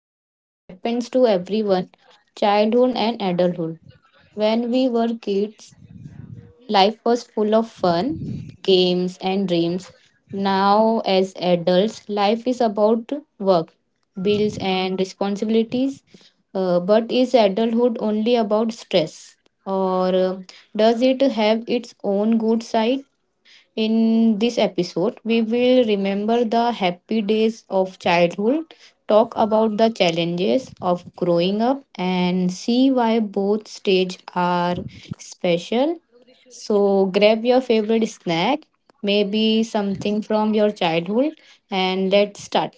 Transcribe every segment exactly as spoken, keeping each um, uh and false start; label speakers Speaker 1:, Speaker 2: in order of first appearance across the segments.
Speaker 1: that uh, happens to everyone childhood and adulthood. When we were kids, life was full of fun, games, and dreams. Now, as adults, life is about work, bills, and responsibilities. Uh, but is adulthood only about stress? Or uh, does it have its own good side? In this episode, we will remember the happy days of childhood, talk about the challenges of growing up, and see why both stages are special. So, grab your favorite snack, maybe something from your childhood, and let's start.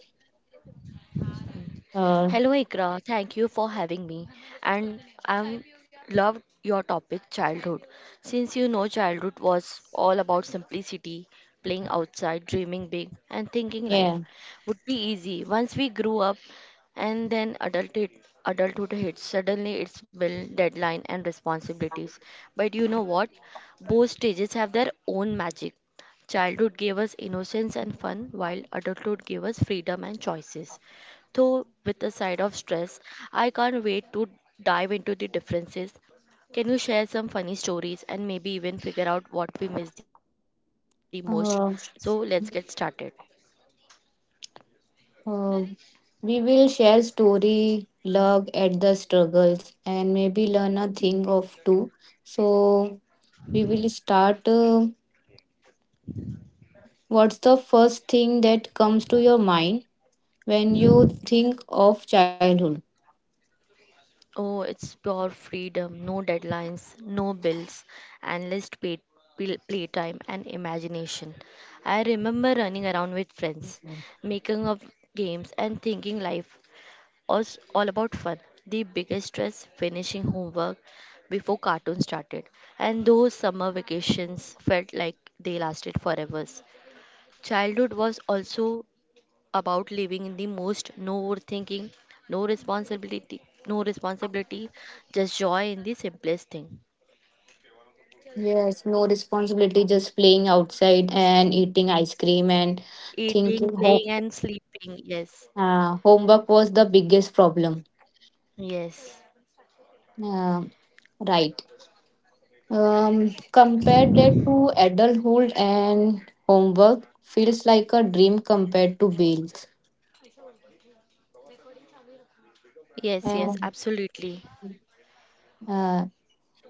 Speaker 1: Uh,
Speaker 2: Hello, Ikra. Thank you for having me. And I'm Loved your topic, childhood. Since you know Childhood was all about simplicity, playing outside, dreaming big, and thinking life
Speaker 1: yeah.
Speaker 2: would be easy. Once we grew up, and then adulthood, adulthood hits. Suddenly, it's bill, deadline, and responsibilities. But you know what? Both stages have their own magic. Childhood gave us innocence and fun, while adulthood gave us freedom and choices, though with a side of stress. I can't wait to dive into the differences. Can you share some funny stories and maybe even figure out what we miss the most? So let's get
Speaker 1: Uh,
Speaker 2: started.
Speaker 1: uh, we will share story, love at the struggles, and maybe learn a thing of two. So we will start. Uh, what's the first thing that comes to your mind when you think of childhood?
Speaker 2: Oh, it's pure freedom, no deadlines, no bills, endless pay, pl- playtime and imagination. I remember running around with friends, making up games and thinking life was all about fun. The biggest stress, finishing homework before cartoon started, and those summer vacations felt like they lasted forever. Childhood was also about living in the most, no overthinking, no responsibility, no responsibility, just joy in the simplest thing.
Speaker 1: Yes, no responsibility, just playing outside and
Speaker 2: Ye-
Speaker 1: eating ice cream and
Speaker 2: Eating,
Speaker 1: thinking
Speaker 2: playing, and
Speaker 1: home,
Speaker 2: sleeping. Yes,
Speaker 1: uh, homework was the biggest problem.
Speaker 2: yes,
Speaker 1: Uh, right. Um, compared that to adulthood and homework feels like a dream compared to bills.
Speaker 2: yes, yes,
Speaker 1: And
Speaker 2: absolutely.
Speaker 1: uh,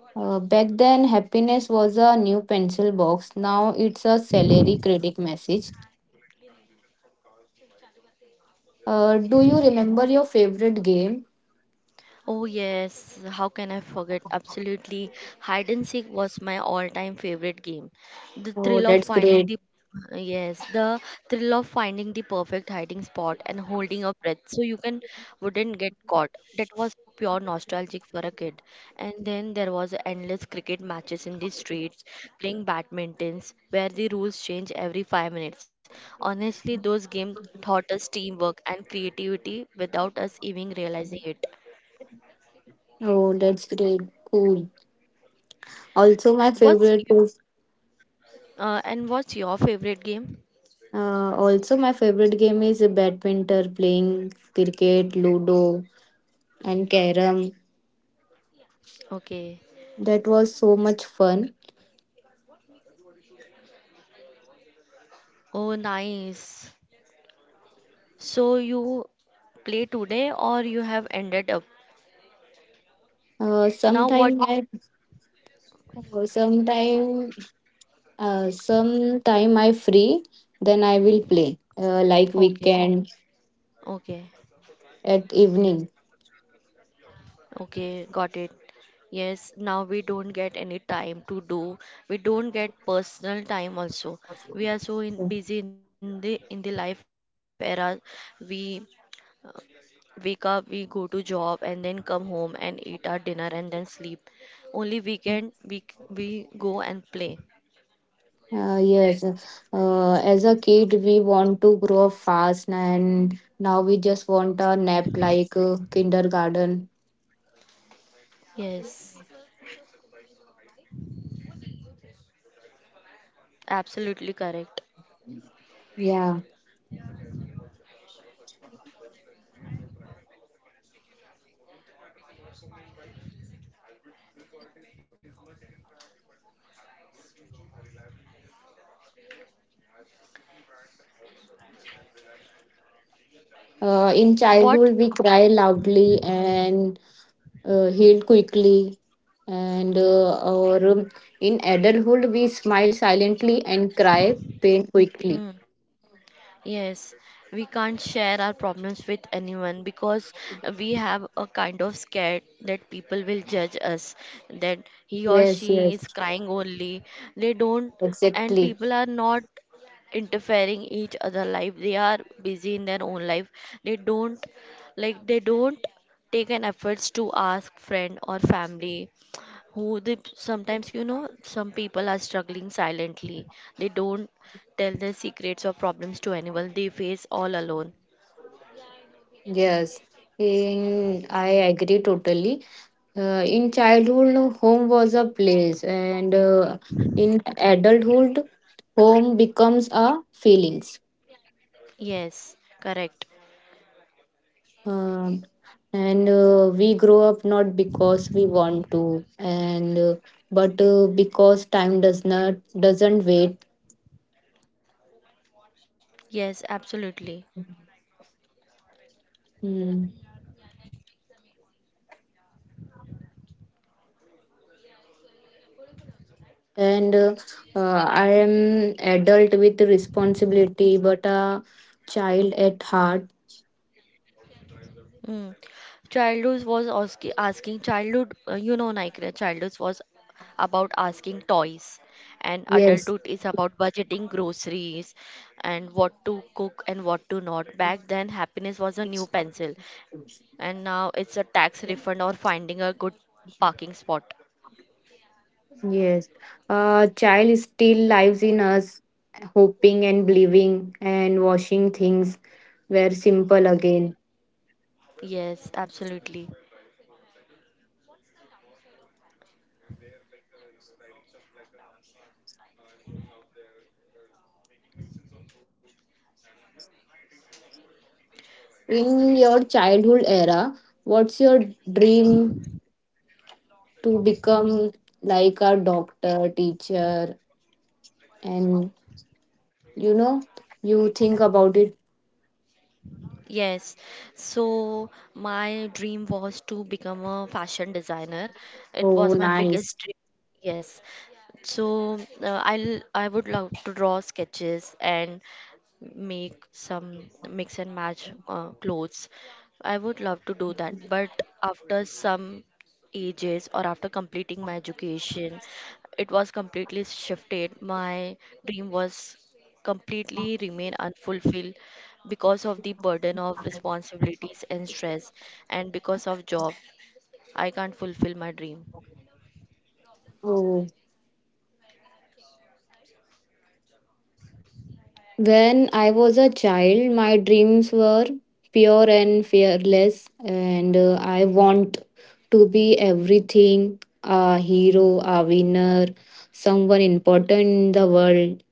Speaker 1: Uh, back then, happiness was a new pencil box. Now it's a salary credit message. Uh, do you remember your favorite game?
Speaker 2: Oh, yes, how can I forget? Absolutely. Hide and seek was my all-time favorite game. The
Speaker 1: Oh,
Speaker 2: thrill of
Speaker 1: that's
Speaker 2: finding
Speaker 1: great.
Speaker 2: the yes, the thrill of finding the perfect hiding spot and holding your breath so you can wouldn't get caught. That was pure nostalgic for a kid. And then there was endless cricket matches in the streets, playing badmintons where the rules change every five minutes. Honestly, those games taught us teamwork and creativity without us even realizing it.
Speaker 1: Oh, that's great. Cool. Also, my
Speaker 2: What's you,
Speaker 1: favorite is
Speaker 2: uh, and what's your favorite game?
Speaker 1: uh, also my favorite game is badminton, playing cricket, ludo, and carom.
Speaker 2: Okay.
Speaker 1: That was so much fun.
Speaker 2: Oh, nice. So you play today or you have ended up?
Speaker 1: Uh,
Speaker 2: Now what?
Speaker 1: sometime I, uh, sometime, uh, sometime I free, then I will play. Uh, like
Speaker 2: Okay.
Speaker 1: weekend
Speaker 2: Okay.
Speaker 1: at evening.
Speaker 2: Okay. Got it. Yes, now we don't get any time to do. We don't get personal time also. We are so in, busy in the in the life era. We wake up, we go to job and then come home and eat our dinner and then sleep. Only weekend we we go and play.
Speaker 1: Uh, yes, uh, as a kid, we want to grow up fast, and now we just want a nap like uh, kindergarten.
Speaker 2: Yes, absolutely correct.
Speaker 1: Yeah, uh, in
Speaker 2: What?
Speaker 1: childhood, we cry
Speaker 2: Hmm.
Speaker 1: loudly and uh, heal quickly, and uh, or um, in adulthood, we smile silently and cry pain quickly.
Speaker 2: Hmm. Yes, we can't share our problems with anyone because we have a kind of scared that people will judge us, that he or she
Speaker 1: Yes,
Speaker 2: is
Speaker 1: yes,
Speaker 2: crying only. They don't, and
Speaker 1: exactly.
Speaker 2: people are not interfering each other life. They are busy in their own life. They don't, like, they don't take an efforts to ask friend or family who they. Sometimes you know some people are struggling silently, they don't tell their secrets or problems to anyone, they face all alone.
Speaker 1: Yes, in I agree totally. Uh, in childhood, no, home was a place, and uh, in adulthood, home becomes a feelings.
Speaker 2: Yes, correct.
Speaker 1: Um, and uh, we grow up not because we want to, and uh, but uh, because time does not doesn't wait.
Speaker 2: Yes, absolutely.
Speaker 1: Mm. And uh, uh, I am adult with responsibility, but a child at heart.
Speaker 2: Mm. childhood was asking. Asking childhood uh, you know Nikra, childhood was about asking toys, and
Speaker 1: Yes.
Speaker 2: adulthood is about budgeting groceries and what to cook and what to not. Back then, happiness was a new pencil. And now it's a tax refund or finding a good parking spot.
Speaker 1: Yes. A child still lives in us, hoping and believing and washing things were simple again.
Speaker 2: Yes, absolutely.
Speaker 1: In your childhood era, what's your dream to become like a doctor, teacher, and you know, you think about it.
Speaker 2: Yes. So my dream was to become a fashion designer. It
Speaker 1: Oh,
Speaker 2: was my
Speaker 1: nice.
Speaker 2: biggest dream. Yes. So uh, I I would love to draw sketches and make some mix and match uh, clothes. I would love to do that, but after some ages or after completing my education, it was completely shifted. My dream was completely remain unfulfilled because of the burden of responsibilities and stress and because of job, I can't fulfill my dream.
Speaker 1: Oh. When I was a child, my dreams were pure and fearless, and uh, I want to be everything a hero, a winner, someone important in the world.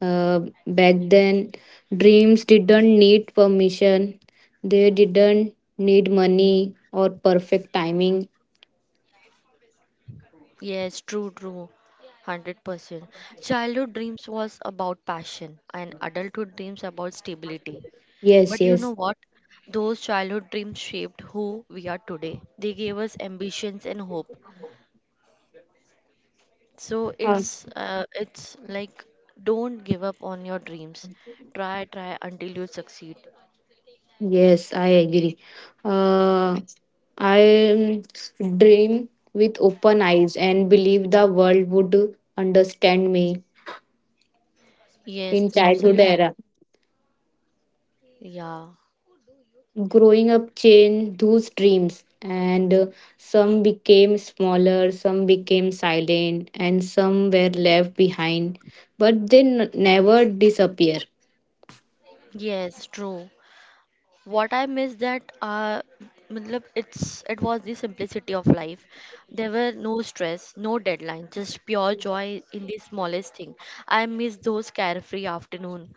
Speaker 1: Uh, back then, dreams didn't need permission, they didn't need money or perfect timing.
Speaker 2: Yes, true, true. one hundred percent. Childhood dreams was about passion and adulthood dreams about stability.
Speaker 1: Yes,
Speaker 2: But you
Speaker 1: yes.
Speaker 2: know what? Those childhood dreams shaped who we are today. They gave us ambitions and hope. So
Speaker 1: Uh,
Speaker 2: it's uh, it's like, don't give up on your dreams. Try, try until you succeed.
Speaker 1: yes, I agree. Uh, I um, dream with open eyes and believe the world would understand me
Speaker 2: Yes,
Speaker 1: in childhood
Speaker 2: absolutely.
Speaker 1: era.
Speaker 2: Yeah.
Speaker 1: Growing up changed those dreams, and uh, some became smaller, some became silent, and some were left behind. But they n- never disappear.
Speaker 2: Yes, true. What I miss that uh matlab it's, it was the simplicity of life. There were no stress, no deadlines, just pure joy in the smallest thing. I miss those carefree afternoon,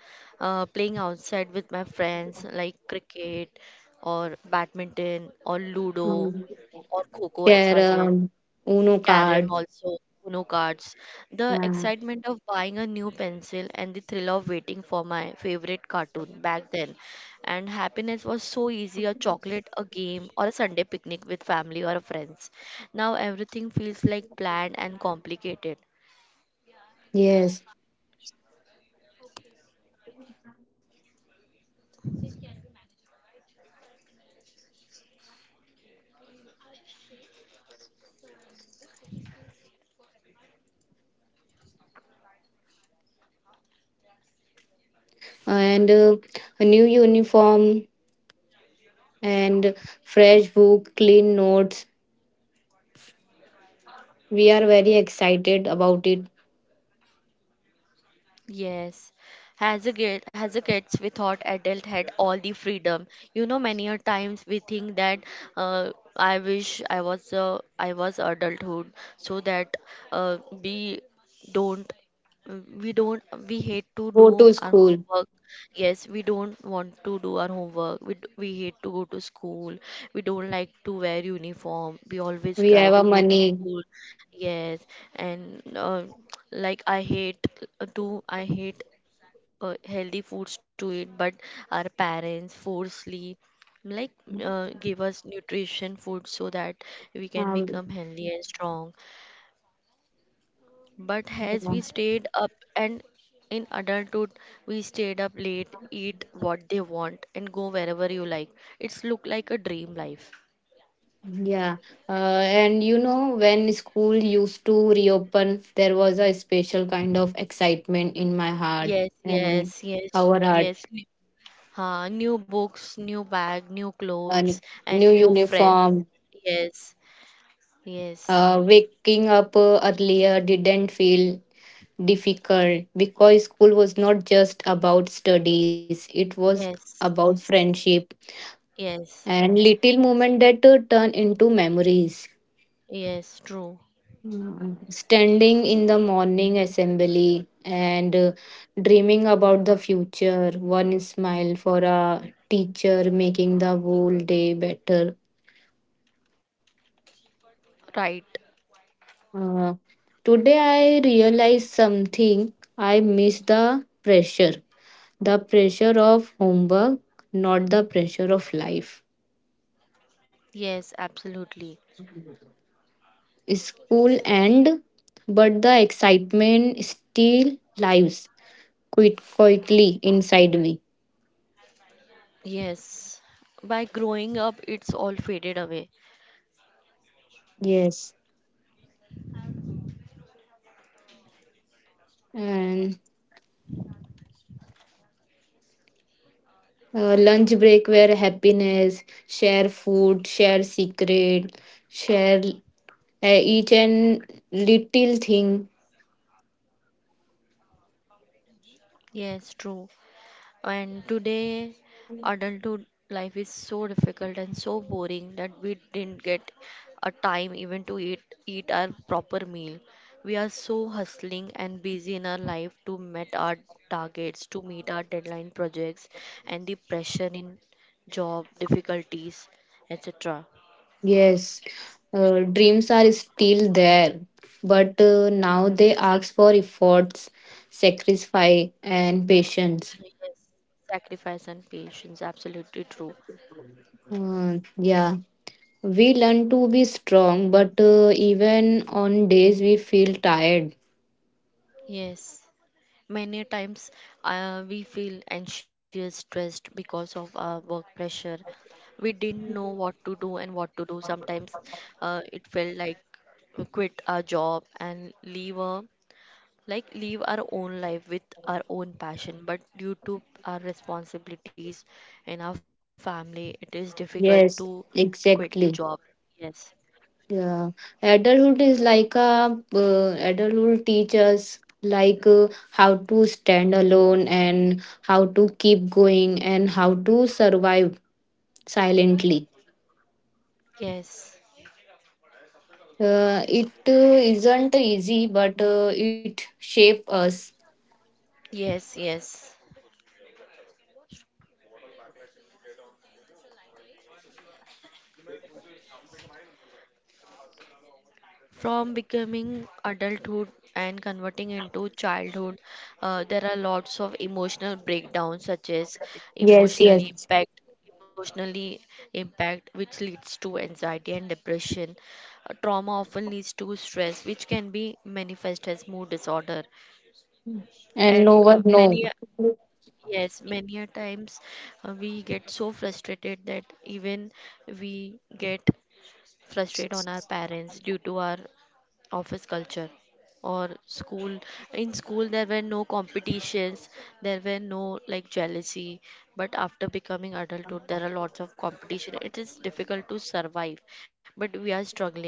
Speaker 2: uh, playing outside with my friends like cricket or badminton or ludo
Speaker 1: Mm.
Speaker 2: or coco xyz.
Speaker 1: Carrom, Uno
Speaker 2: Carom
Speaker 1: card.
Speaker 2: also, Uno cards, the
Speaker 1: Yeah.
Speaker 2: excitement of buying a new pencil and the thrill of waiting for my favorite cartoon back then. And happiness was so easy, a chocolate, a game, or a Sunday picnic with family or friends. Now everything feels like planned and complicated.
Speaker 1: Yes, and uh, a new uniform and fresh book, clean notes. We are very excited about it.
Speaker 2: Yes, as a kid, as a kids, we thought adult had all the freedom. You know, many a times we think that, uh, I wish I was uh, i was adulthood so that uh, we don't uh, we don't, we hate to
Speaker 1: Go
Speaker 2: do
Speaker 1: to
Speaker 2: our
Speaker 1: school.
Speaker 2: homework. Yes, we don't want to do our homework, we, d- we hate to go to school. We don't like to wear uniform, we always
Speaker 1: We have
Speaker 2: cry
Speaker 1: our
Speaker 2: to go to
Speaker 1: money.
Speaker 2: school. Yes, and uh, like I hate uh, to I hate uh, healthy foods to eat, but our parents forcefully, like, uh, give us nutrition food so that we can
Speaker 1: Um,
Speaker 2: become healthy and strong. But as
Speaker 1: yeah.
Speaker 2: we stayed up and in adulthood, we stayed up late, eat what they want, and go wherever you like. It's look like a dream life.
Speaker 1: Yeah. Uh, and you know, when school used to reopen, there was a special kind of excitement in my heart
Speaker 2: Yes,
Speaker 1: and
Speaker 2: yes, yes,
Speaker 1: our heart.
Speaker 2: yes. N- Uh, new books, new bag, new
Speaker 1: A
Speaker 2: clothes, and
Speaker 1: new
Speaker 2: new friends.
Speaker 1: uniform,
Speaker 2: Yes, yes,
Speaker 1: uh, waking up uh, earlier didn't feel difficult because school was not just about studies, it was about
Speaker 2: yes,
Speaker 1: friendship
Speaker 2: yes,
Speaker 1: and little moment that uh, turn into memories.
Speaker 2: yes, true.
Speaker 1: Mm. Standing in the morning assembly and uh, dreaming about the future, one smile for a teacher making the whole day better.
Speaker 2: Right.
Speaker 1: Uh, today I realized something. I miss the pressure. The pressure of homework, not the pressure of life.
Speaker 2: Yes, absolutely.
Speaker 1: School end, but the excitement still lives quite quietly inside me.
Speaker 2: Yes. By growing up, it's all faded away.
Speaker 1: Yes. And uh, lunch break where happiness, share food, share secret, share uh, each and little thing.
Speaker 2: Yes, true. And today, adulthood life is so difficult and so boring that we didn't get a time even to eat eat our proper meal. We are so hustling and busy in our life to meet our targets, to meet our deadline projects, and the pressure in job difficulties, et cetera.
Speaker 1: Yes, uh, dreams are still there, but uh, now they ask for efforts, sacrifice, and patience.
Speaker 2: Yes, sacrifice and patience, absolutely true.
Speaker 1: Uh, yeah, we learn to be strong, but uh, even on days we feel tired.
Speaker 2: Yes. Many times, uh, we feel anxious, stressed because of our work pressure. We didn't know what to do and what to do. Sometimes uh, it felt like we quit our job and leave a, like, leave our own life with our own passion. But due to our responsibilities in our family, it is difficult to
Speaker 1: Yes,
Speaker 2: quit the job.
Speaker 1: exactly.
Speaker 2: Yes.
Speaker 1: Yeah, adulthood is like a uh, adulthood teaches like uh, how to stand alone and how to keep going and how to survive silently.
Speaker 2: Yes.
Speaker 1: Uh, it uh, isn't easy, but uh, it shapes us.
Speaker 2: Yes. Yes. From becoming adulthood and converting into childhood, uh, there are lots of emotional breakdowns, such as
Speaker 1: Yes,
Speaker 2: emotional
Speaker 1: yes,
Speaker 2: impact, emotionally impact, which leads to anxiety and depression. Uh, trauma often leads to stress, which can be manifest as mood disorder.
Speaker 1: and no
Speaker 2: And
Speaker 1: one
Speaker 2: uh,
Speaker 1: knows.
Speaker 2: many, a- yes, many a times, uh, we get so frustrated that even we get frustrated on our parents due to our office culture or school. In school there were no competitions, there were no like jealousy, but after becoming adulthood there are lots of competition, it is difficult to survive, but we are struggling.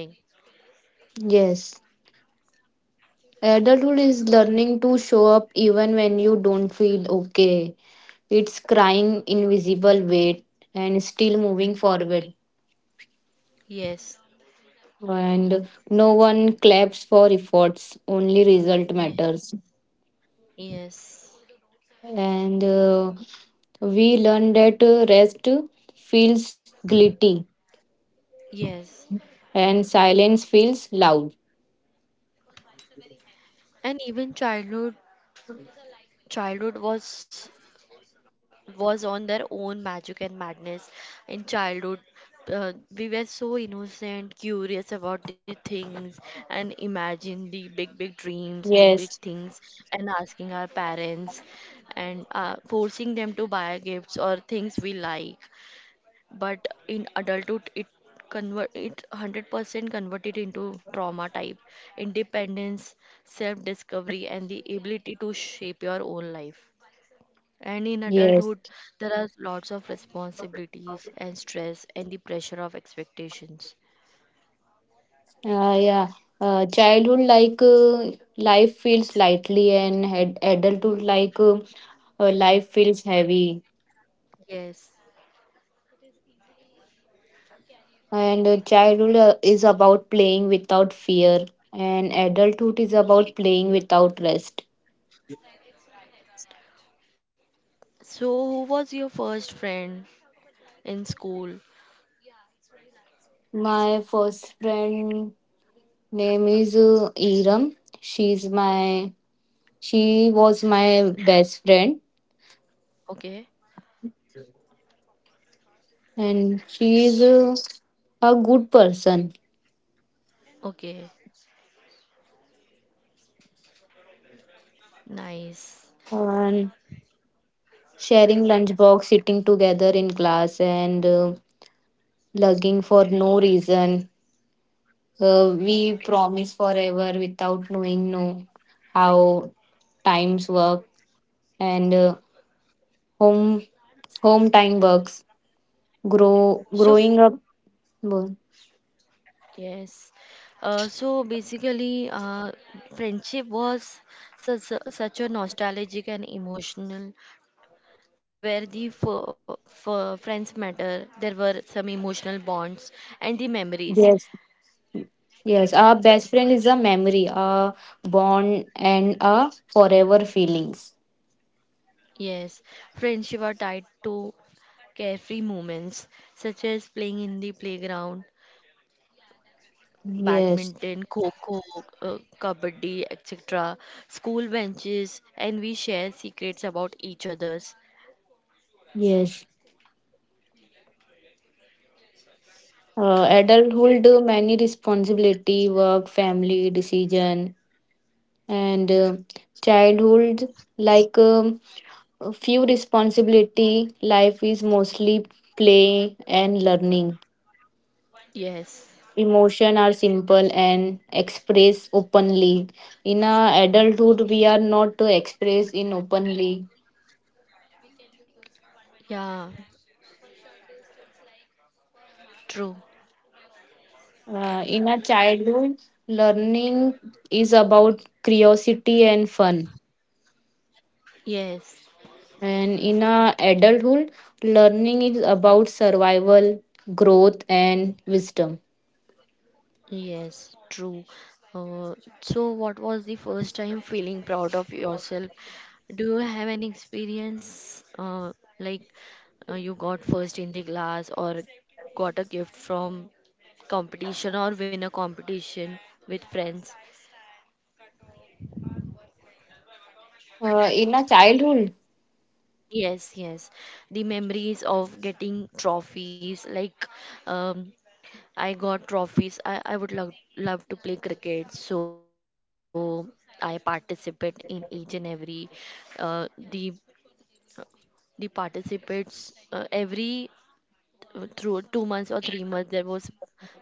Speaker 1: Yes. Adulthood is learning to show up even when you don't feel okay. It's crying invisible weight and still moving forward.
Speaker 2: yes
Speaker 1: And no one claps for efforts, only result
Speaker 2: yes
Speaker 1: matters.
Speaker 2: yes
Speaker 1: And uh, we learn that uh, rest feels guilty.
Speaker 2: yes
Speaker 1: And silence feels loud.
Speaker 2: and even childhood childhood was was on their own magic and madness. In childhood, uh, we were so innocent, curious about the things and imagine the big big dreams, big big
Speaker 1: Yes,
Speaker 2: things, and asking our parents and, uh, forcing them to buy gifts or things we like. But in adulthood, it convert it one hundred percent converted into trauma type independence, self discovery and the ability to shape your own life. And in
Speaker 1: yes.
Speaker 2: adulthood, there are lots of responsibilities and stress and the pressure of expectations.
Speaker 1: Uh, yeah. Uh, childhood like uh, life feels lightly and ad- adulthood like uh, uh, life feels heavy.
Speaker 2: Yes.
Speaker 1: And uh, childhood uh, is about playing without fear and adulthood is about playing without rest.
Speaker 2: So, who was your first friend in school?
Speaker 1: My first friend name is uh, Iram. She's my she was my best friend
Speaker 2: Okay.
Speaker 1: and she is uh, a good person.
Speaker 2: Okay. Nice.
Speaker 1: And sharing lunchbox, sitting together in class, and uh, lugging for no reason. Uh, we promise forever without knowing no how times work and uh, home home time works. Grow
Speaker 2: So,
Speaker 1: growing up. Bo-
Speaker 2: yes. Uh, so basically, uh, friendship was such a, such a nostalgic and emotional, where the f- f- friends matter. There were some emotional bonds and the memories.
Speaker 1: Yes, yes. Our best friend is a memory, a bond, and a forever feelings.
Speaker 2: Yes, friendship are tied to carefree moments such as playing in the playground,
Speaker 1: Yes,
Speaker 2: badminton, kho uh, kabaddi, et cetera. School benches, and we share secrets about each other's.
Speaker 1: yes. Uh, adulthood uh, many responsibility work family decision and uh, childhood like um, a few responsibility life is mostly play and learning,
Speaker 2: Yes,
Speaker 1: emotion are simple and express openly, in a adulthood we are not to express in openly.
Speaker 2: yeah, true.
Speaker 1: Uh, in a childhood learning is about curiosity and fun.
Speaker 2: Yes.
Speaker 1: And in a adulthood, learning is about survival, growth, and wisdom.
Speaker 2: Yes, true. Uh, so, what was the first time feeling proud of yourself? Do you have an experience, uh, like uh, you got first in the class or got a gift from competition or win a competition with friends?
Speaker 1: Uh, in a childhood,
Speaker 2: Yes, yes. The memories of getting trophies, like, um, I got trophies. I, I would love love to play cricket, so I participate in each and every uh, the the participates uh, every uh, through two months or three months there was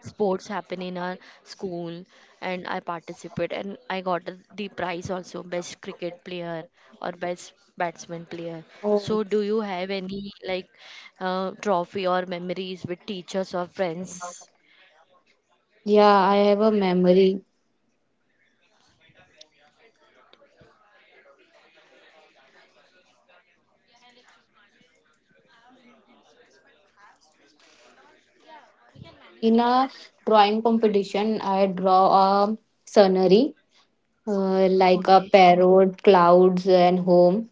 Speaker 2: sports happen in our school, and I participate and I got the prize also, best cricket player or best batsman player.
Speaker 1: oh,
Speaker 2: So do you have any like, uh, trophy or memories with teachers or friends?
Speaker 1: yeah, I have a memory. In a drawing competition, I draw a scenery uh, like a
Speaker 2: Okay,
Speaker 1: parrot, clouds, and home.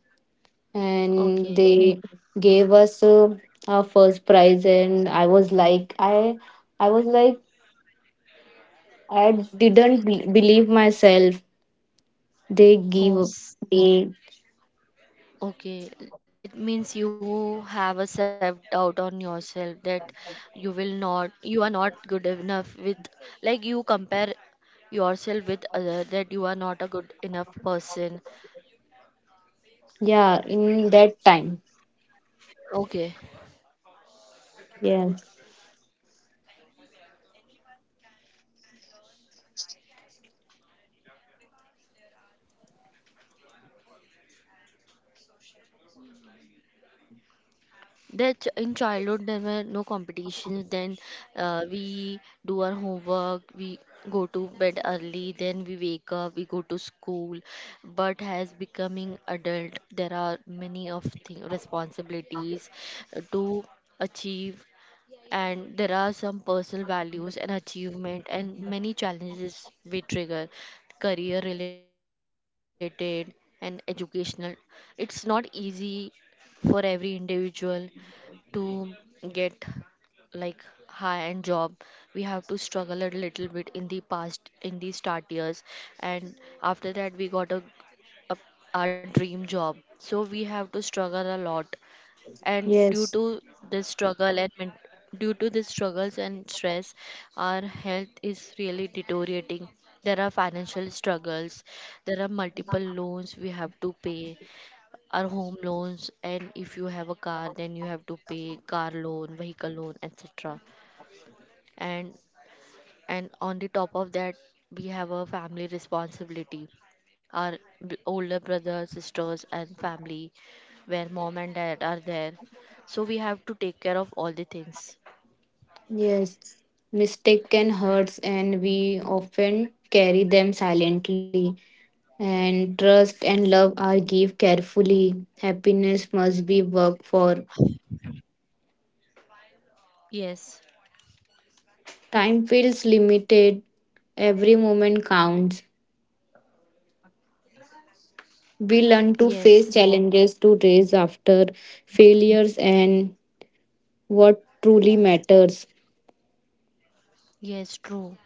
Speaker 1: And
Speaker 2: okay.
Speaker 1: they gave us uh, our first prize, and I was like, I, I was like, I didn't be- believe myself they give
Speaker 2: Oh, s-
Speaker 1: they.
Speaker 2: okay. That means you have a self doubt on yourself that you will not, you are not good enough with, like, you compare yourself with other, that you are not a good enough person.
Speaker 1: Yeah, in that time.
Speaker 2: Okay.
Speaker 1: Yes,
Speaker 2: That in childhood there were no competitions. Then uh, we do our homework, we go to bed early, then we wake up, we go to school. But as becoming adult, there are many of thing responsibilities uh, to achieve, and there are some personal values and achievement and many challenges we trigger, career related and educational. It's not easy for every individual to get like high end job. We have to struggle a little bit in the past in the start years, and after that we got a, a our dream job, so we have to struggle a lot. And due
Speaker 1: yes,
Speaker 2: to this struggle and men- due to this struggles and stress, our health is really deteriorating. There are financial struggles, there are multiple loans we have to pay. Are home loans, and if you have a car then you have to pay car loan, vehicle loan, etc. and and on the top of that, we have a family responsibility. Our b- older brothers, sisters and family, where mom and dad are there, so we have to take care of all the things.
Speaker 1: yes. Mistaken hurts and we often carry them silently, and trust and love are give carefully, happiness must be worked for,
Speaker 2: Yes,
Speaker 1: time feels limited, every moment counts, we learn to
Speaker 2: yes,
Speaker 1: face challenges to raise after failures and what truly matters.
Speaker 2: yes, true.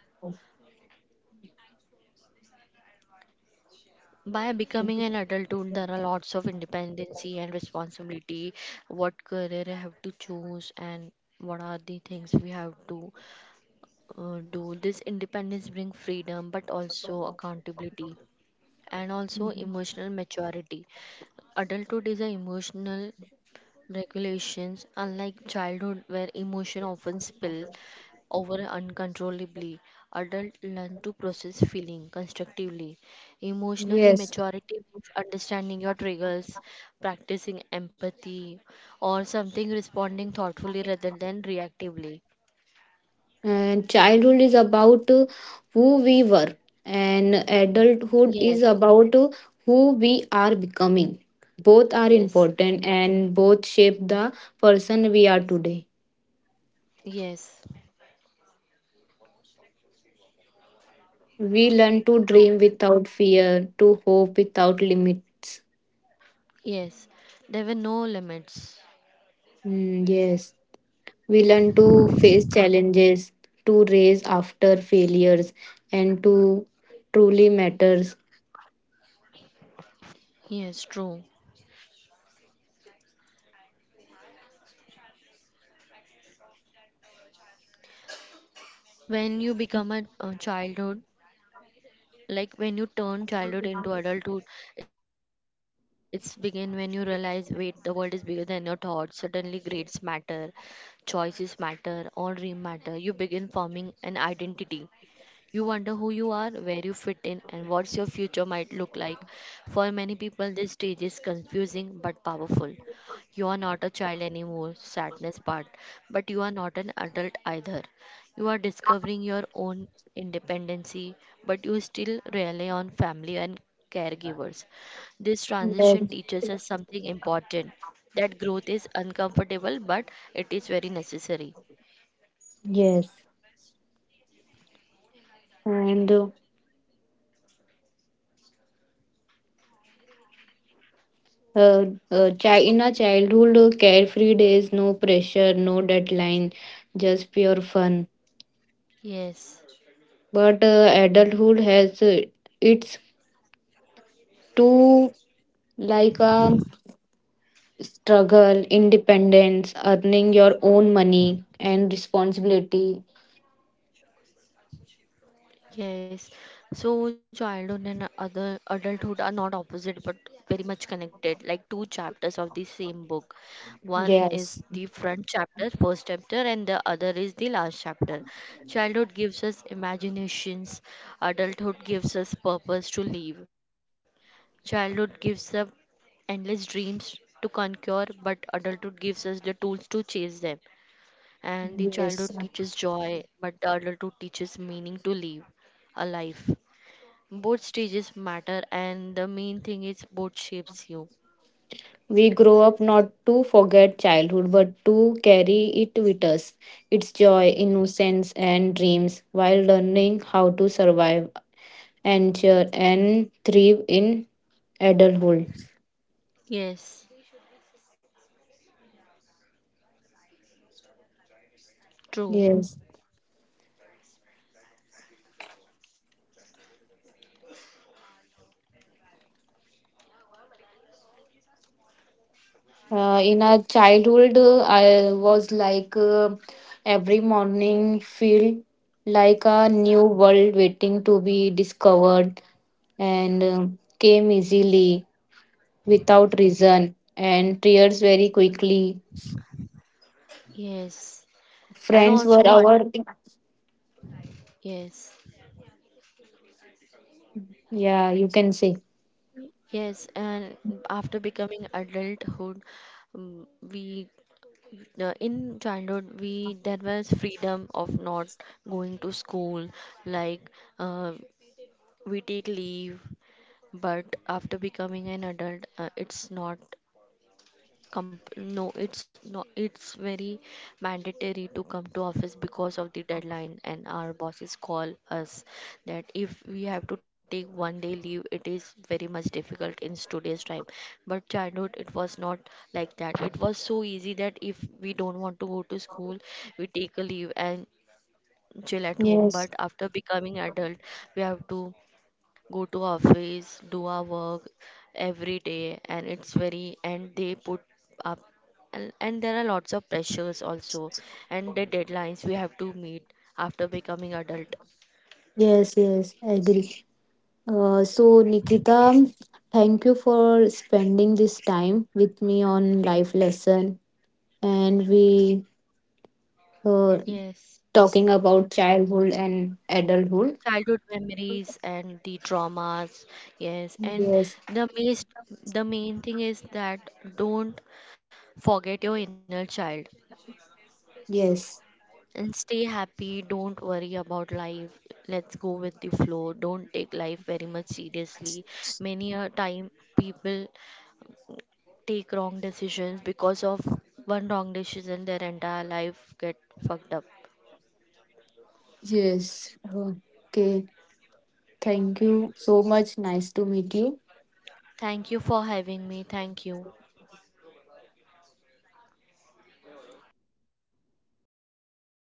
Speaker 2: By becoming an adulthood, there are lots of independency and responsibility. What career I have to choose and what are the things we have to uh, do. This independence brings freedom, but also accountability and also emotional maturity. Adulthood is a emotional regulations, unlike childhood where emotion often spill over uncontrollably. Adults learn to process feeling constructively. Emotionally,
Speaker 1: Yes,
Speaker 2: maturity means understanding your triggers, practicing empathy, or something responding thoughtfully rather than reactively.
Speaker 1: and childhood is about uh, who we were, and
Speaker 2: Yes,
Speaker 1: adulthood is about uh, who we are becoming. Both are
Speaker 2: yes,
Speaker 1: important and both shape the person we are today.
Speaker 2: yes,
Speaker 1: We learn to
Speaker 2: true.
Speaker 1: dream without fear, to hope without limits.
Speaker 2: Yes, there were no limits.
Speaker 1: Mm, yes. We learn to face challenges, to raise after failures, and to truly matters.
Speaker 2: Yes, true. When you become a, a childhood, like when you turn childhood into adulthood, it's begin when you realize, wait, the world is bigger than your thoughts. Suddenly grades matter, choices matter, all dream matter. You begin forming an identity. You wonder who you are, where you fit in, and what your future might look like. For many people, this stage is confusing but powerful. You are not a child anymore, sadness part, but you are not an adult either. You are discovering your own independency, but you still rely on family and caregivers. This transition
Speaker 1: Yes,
Speaker 2: teaches us something important, that growth is uncomfortable, but it is very necessary.
Speaker 1: yes. And uh, uh, uh, chi- in a childhood, uh, carefree days, no pressure, no deadline, just pure fun.
Speaker 2: Yes.
Speaker 1: But uh, adulthood has uh, its too like a struggle, independence, earning your own money, and responsibility.
Speaker 2: Yes, so childhood and other adulthood are not opposite but very much connected, like two chapters of the same book. One is
Speaker 1: Yes,
Speaker 2: the front chapter, first chapter, and the other is the last chapter. Childhood gives us imaginations, adulthood gives us purpose to live. Childhood gives us endless dreams to conquer, but adulthood gives us the tools to chase them. And the childhood
Speaker 1: yes.
Speaker 2: teaches joy, but the adulthood teaches meaning to live a life. Both stages matter, and the main thing is both shapes you.
Speaker 1: We grow up not to forget childhood, but to carry it with us, its joy, innocence, and dreams, while learning how to survive and cheer and thrive in adulthood.
Speaker 2: Yes, true.
Speaker 1: Yes. Uh, in our childhood, uh, I was like uh, every morning feel like a new world waiting to be discovered and uh, came easily without reason and tears very quickly.
Speaker 2: Yes, and
Speaker 1: Friends
Speaker 2: also
Speaker 1: were
Speaker 2: what?
Speaker 1: our,
Speaker 2: Yes,
Speaker 1: yeah, you can say.
Speaker 2: yes. And after becoming adulthood, mm, we uh, in childhood we there was freedom of not going to school, like uh, we take leave. But after becoming an adult, uh, it's not comp- no it's not, it's very mandatory to come to office because of the deadline, and our bosses call us that if we have to take one day leave it is very much difficult in today's time. But childhood it was not like that, it was so easy that if we don't want to go to school, we take a leave and chill at home. But
Speaker 1: Yes,
Speaker 2: after becoming adult, we have to go to office, do our work every day, and it's very and they put up, and, and there are lots of pressures also, and the deadlines we have to meet after becoming adult.
Speaker 1: yes, yes, I agree. Uh, so, Nikita, thank you for spending this time with me on life lesson and we uh,
Speaker 2: Yes.
Speaker 1: talking about childhood and adulthood.
Speaker 2: Childhood memories and the traumas. Yes. And
Speaker 1: Yes,
Speaker 2: the main, the main thing is that don't forget your inner child.
Speaker 1: yes,
Speaker 2: And stay happy. Don't worry about life. Let's go with the flow. Don't take life very much seriously. Many a time people take wrong decisions because of one wrong decision, their entire life get fucked up.
Speaker 1: yes. Okay, thank you so much. Nice to meet you.
Speaker 2: Thank you for having me. Thank you.